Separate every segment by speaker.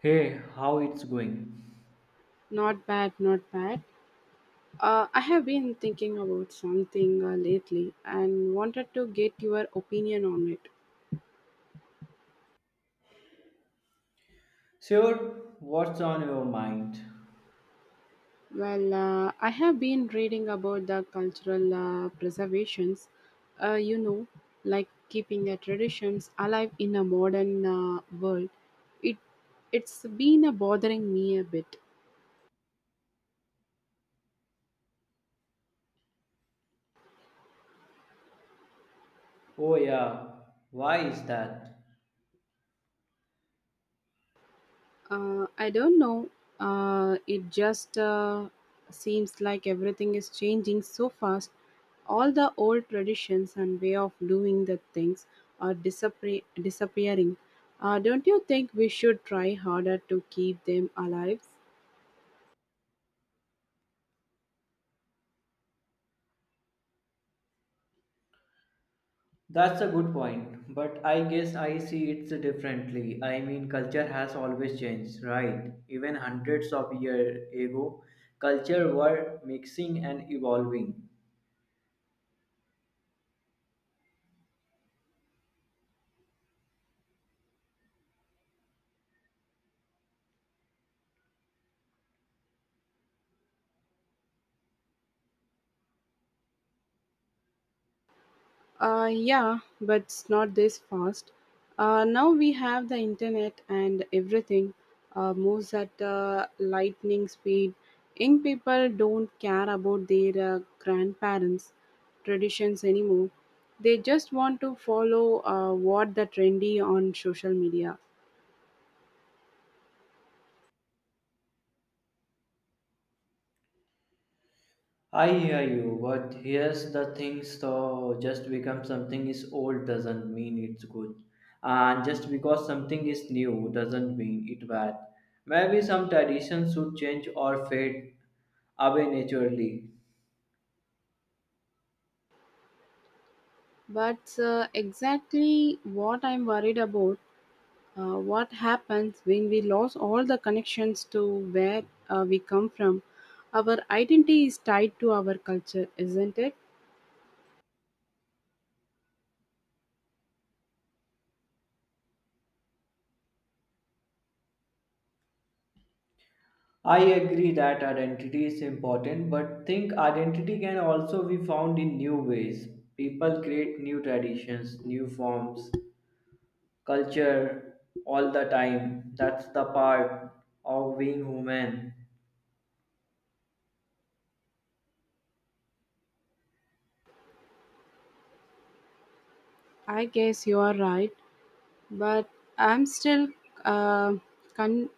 Speaker 1: Hey, how it's going?
Speaker 2: Not bad, not bad. I have been thinking about something lately and wanted to get your opinion on it.
Speaker 1: Sure, what's on your mind?
Speaker 2: Well, I have been reading about the cultural preservations, uh, you know, like keeping the traditions alive in a modern world. It it's been bothering me a bit.
Speaker 1: Oh, yeah, why is that?
Speaker 2: I don't know. It just seems like everything is changing so fast. All the old traditions and way of doing the things are disappearing. Don't you think we should try harder to keep them alive?
Speaker 1: That's a good point, but I guess I see it differently. I mean, culture has always changed, right? Even hundreds of years ago, culture were mixing and evolving.
Speaker 2: Yeah, but it's not this fast. Now we have the internet and everything moves at lightning speed. Young people don't care about their grandparents' traditions anymore. They just want to follow what the trendy on social media.
Speaker 1: I hear you, but here's the thing so just because something is old doesn't mean it's good. And just because something is new doesn't mean it's bad. Maybe some traditions should change or fade away naturally.
Speaker 2: But exactly what I'm worried about. What happens when we lose all the connections to where we come from? Our identity is tied to our culture, isn't it?
Speaker 1: I agree that identity is important, but think identity can also be found in new ways. People create new traditions, new forms, culture all the time. That's the part of being human.
Speaker 2: I guess you are right, but I'm still uh, con-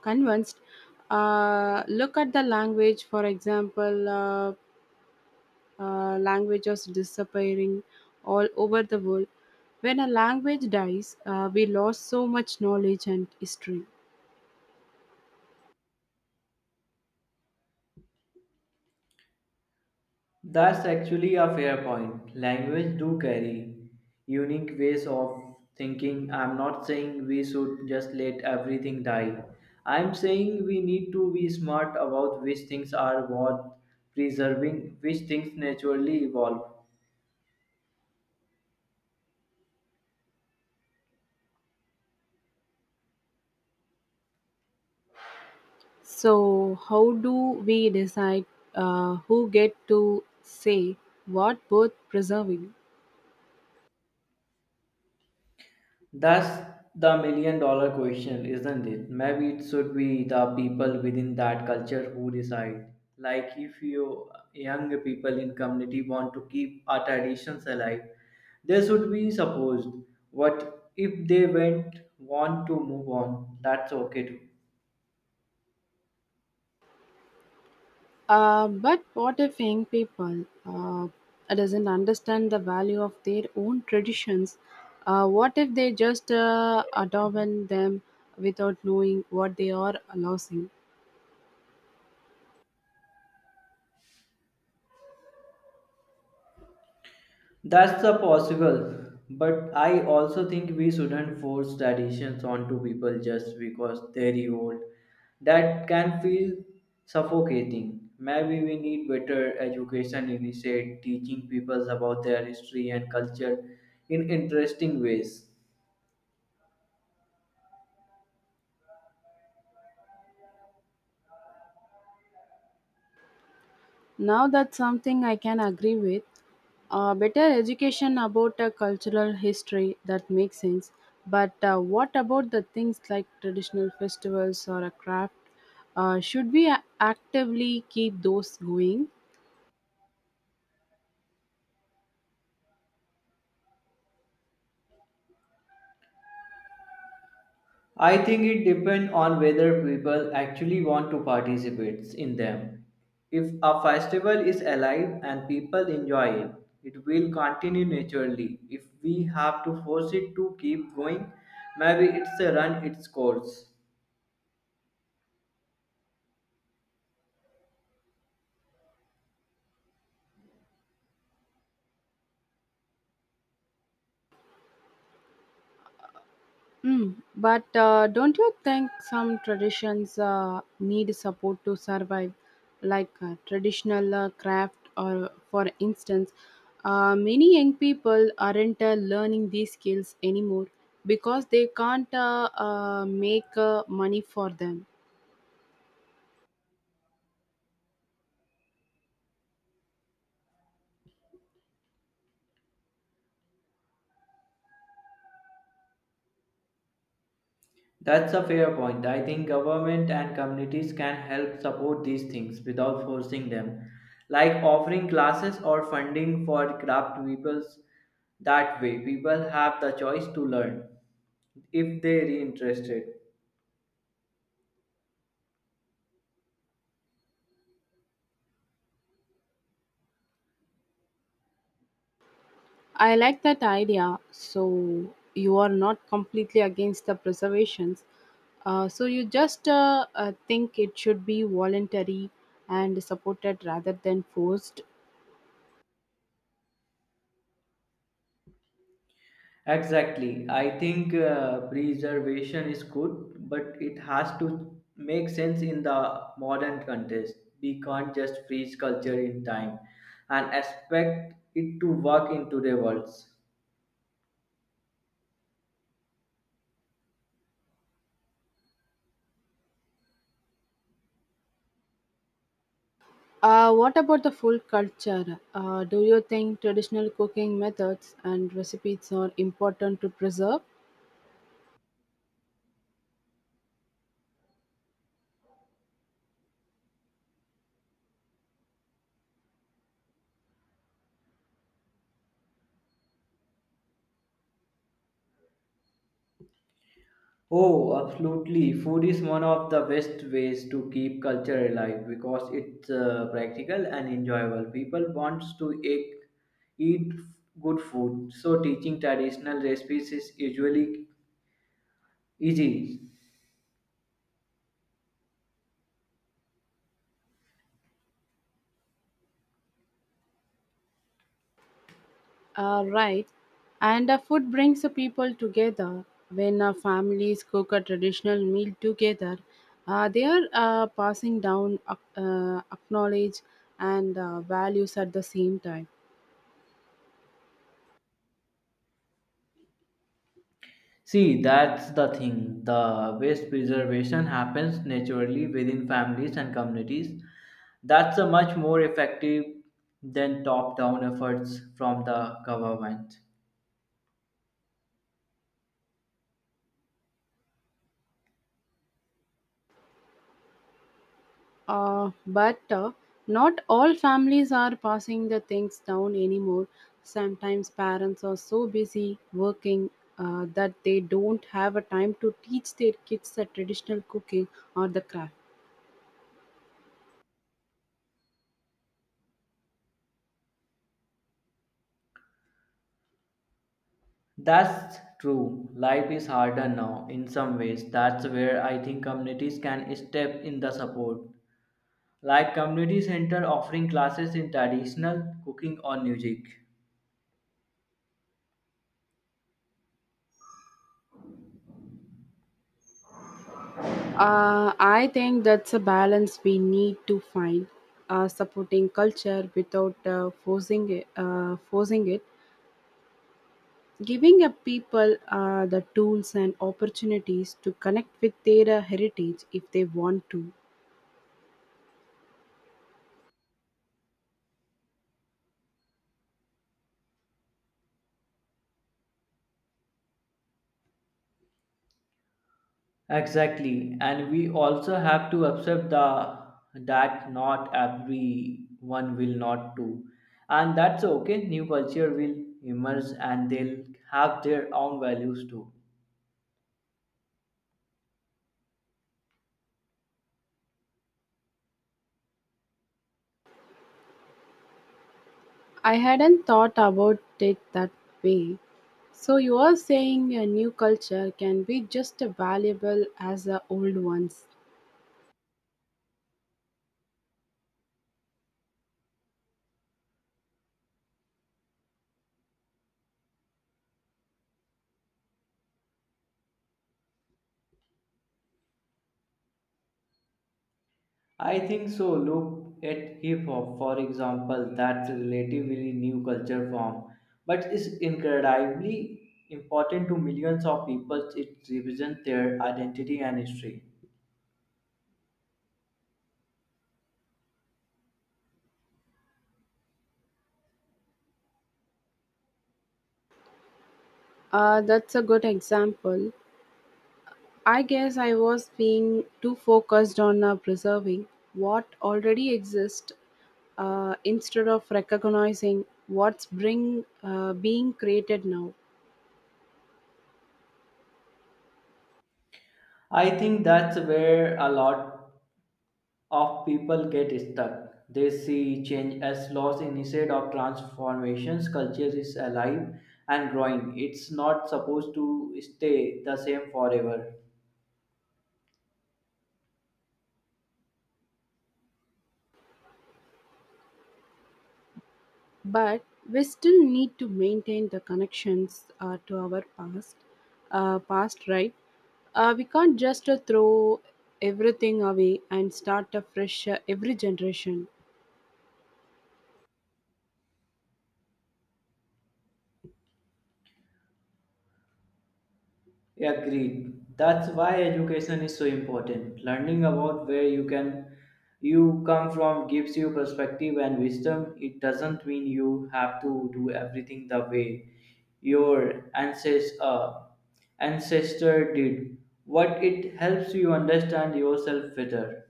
Speaker 2: convinced. Look at the language, for example, languages disappearing all over the world. When a language dies, we lost so much knowledge and history.
Speaker 1: That's actually a fair point. Language do carry unique ways of thinking. I'm not saying we should just let everything die. I'm saying we need to be smart about which things are worth preserving, which things naturally evolve.
Speaker 2: So, how do we decide who get to say what worth preserving?
Speaker 1: That's the million dollar question, isn't it? Maybe it should be the people within that culture who decide. Like if you young people in community want to keep our traditions alive, they should be supposed. What if they went want to move on? That's okay too.
Speaker 2: But what if young people doesn't understand the value of their own traditions? What if they just adorn them without knowing what they are losing?
Speaker 1: That's the possible, but I also think we shouldn't force traditions onto people just because they're old. That can feel suffocating. Maybe we need better education initiate teaching people about their history and culture in interesting ways.
Speaker 2: Now that's something I can agree with. Better education about cultural history, that makes sense. But what about the things like traditional festivals or a craft? Should we actively keep those going?
Speaker 1: I think it depends on whether people actually want to participate in them. If a festival is alive and people enjoy it, it will continue naturally. If we have to force it to keep going, maybe it's a run its course.
Speaker 2: Mm, but don't you think some traditions need support to survive, like traditional craft, or for instance, many young people aren't learning these skills anymore because they can't make money for them.
Speaker 1: That's a fair point. I think government and communities can help support these things without forcing them, like offering classes or funding for craft peoples. That way, people have the choice to learn if they're interested.
Speaker 2: I like that idea. So you are not completely against the preservations. So you just think it should be voluntary and supported rather than forced.
Speaker 1: Exactly. I think preservation is good, but it has to make sense in the modern context. We can't just freeze culture in time and expect it to work in today's worlds.
Speaker 2: What about the food culture? Do you think traditional cooking methods and recipes are important to preserve?
Speaker 1: Oh, absolutely. Food is one of the best ways to keep culture alive because it's practical and enjoyable. People wants to eat, eat good food, so teaching traditional recipes is usually easy.
Speaker 2: Right. And food brings the people together. When families cook a traditional meal together, they are passing down acknowledge and values at the same time.
Speaker 1: See, that's the thing. The best preservation happens naturally within families and communities. That's a much more effective than top-down efforts from the government.
Speaker 2: But not all families are passing the things down anymore. Sometimes parents are so busy working that they don't have a time to teach their kids the traditional cooking or the craft.
Speaker 1: That's true. Life is harder now in some ways. That's where I think communities can step in the support, like community center offering classes in traditional cooking or music.
Speaker 2: I think that's a balance we need to find, supporting culture without forcing it, giving a people the tools and opportunities to connect with their heritage if they want to.
Speaker 1: Exactly, and we also have to accept the that not everyone will not do, and that's okay. New culture will emerge, and they'll have their own values too.
Speaker 2: I hadn't thought about it that way. So you are saying a new culture can be just as valuable as the old ones.
Speaker 1: I think so. Look at hip hop, for example, that's a relatively new culture form, but it's incredibly important to millions of people. It represents their identity and history.
Speaker 2: That's a good example. I guess I was being too focused on preserving what already exists instead of recognizing what's being created now.
Speaker 1: I think that's where a lot of people get stuck. They see change as loss instead of transformations. Culture is alive and growing. It's not supposed to stay the same forever.
Speaker 2: But we still need to maintain the connections to our past, right? We can't just throw everything away and start afresh every generation.
Speaker 1: Agreed. That's why education is so important. Learning about where you can you come from gives you perspective and wisdom. It doesn't mean you have to do everything the way your ancestor did. What it helps you understand yourself better.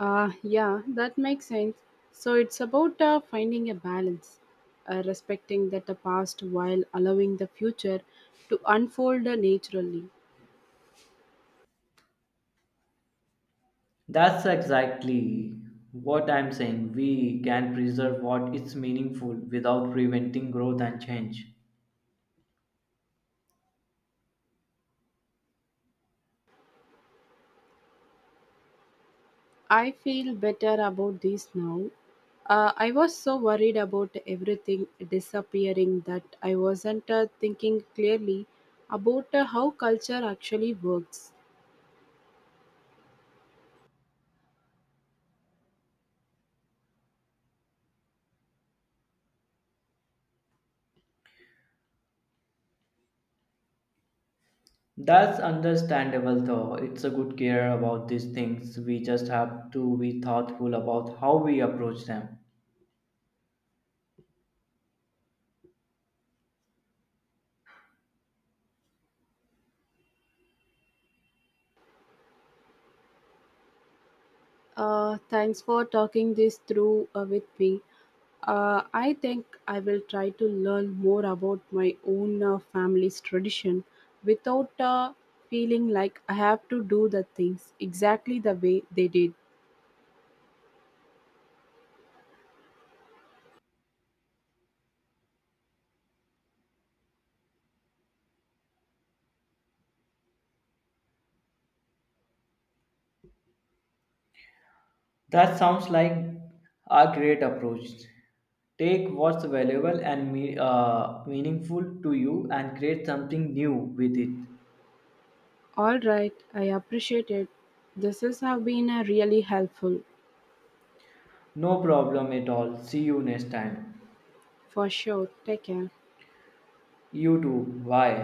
Speaker 2: Ah, yeah, that makes sense. So it's about finding a balance, respecting that the past while allowing the future to unfold naturally.
Speaker 1: That's exactly what I'm saying. We can preserve what is meaningful without preventing growth and change.
Speaker 2: I feel better about this now. I was so worried about everything disappearing that I wasn't thinking clearly about how culture actually works.
Speaker 1: That's understandable though. It's a good care about these things. We just have to be thoughtful about how we approach them.
Speaker 2: Thanks for talking this through with me. I think I will try to learn more about my own family's tradition without feeling like I have to do the things exactly the way they did.
Speaker 1: That sounds like a great approach. Take what's valuable and meaningful to you and create something new with it.
Speaker 2: All right, I appreciate it. This has have been really helpful
Speaker 1: No problem at all. See you next time.
Speaker 2: for sure. Take care.
Speaker 1: You too. Bye.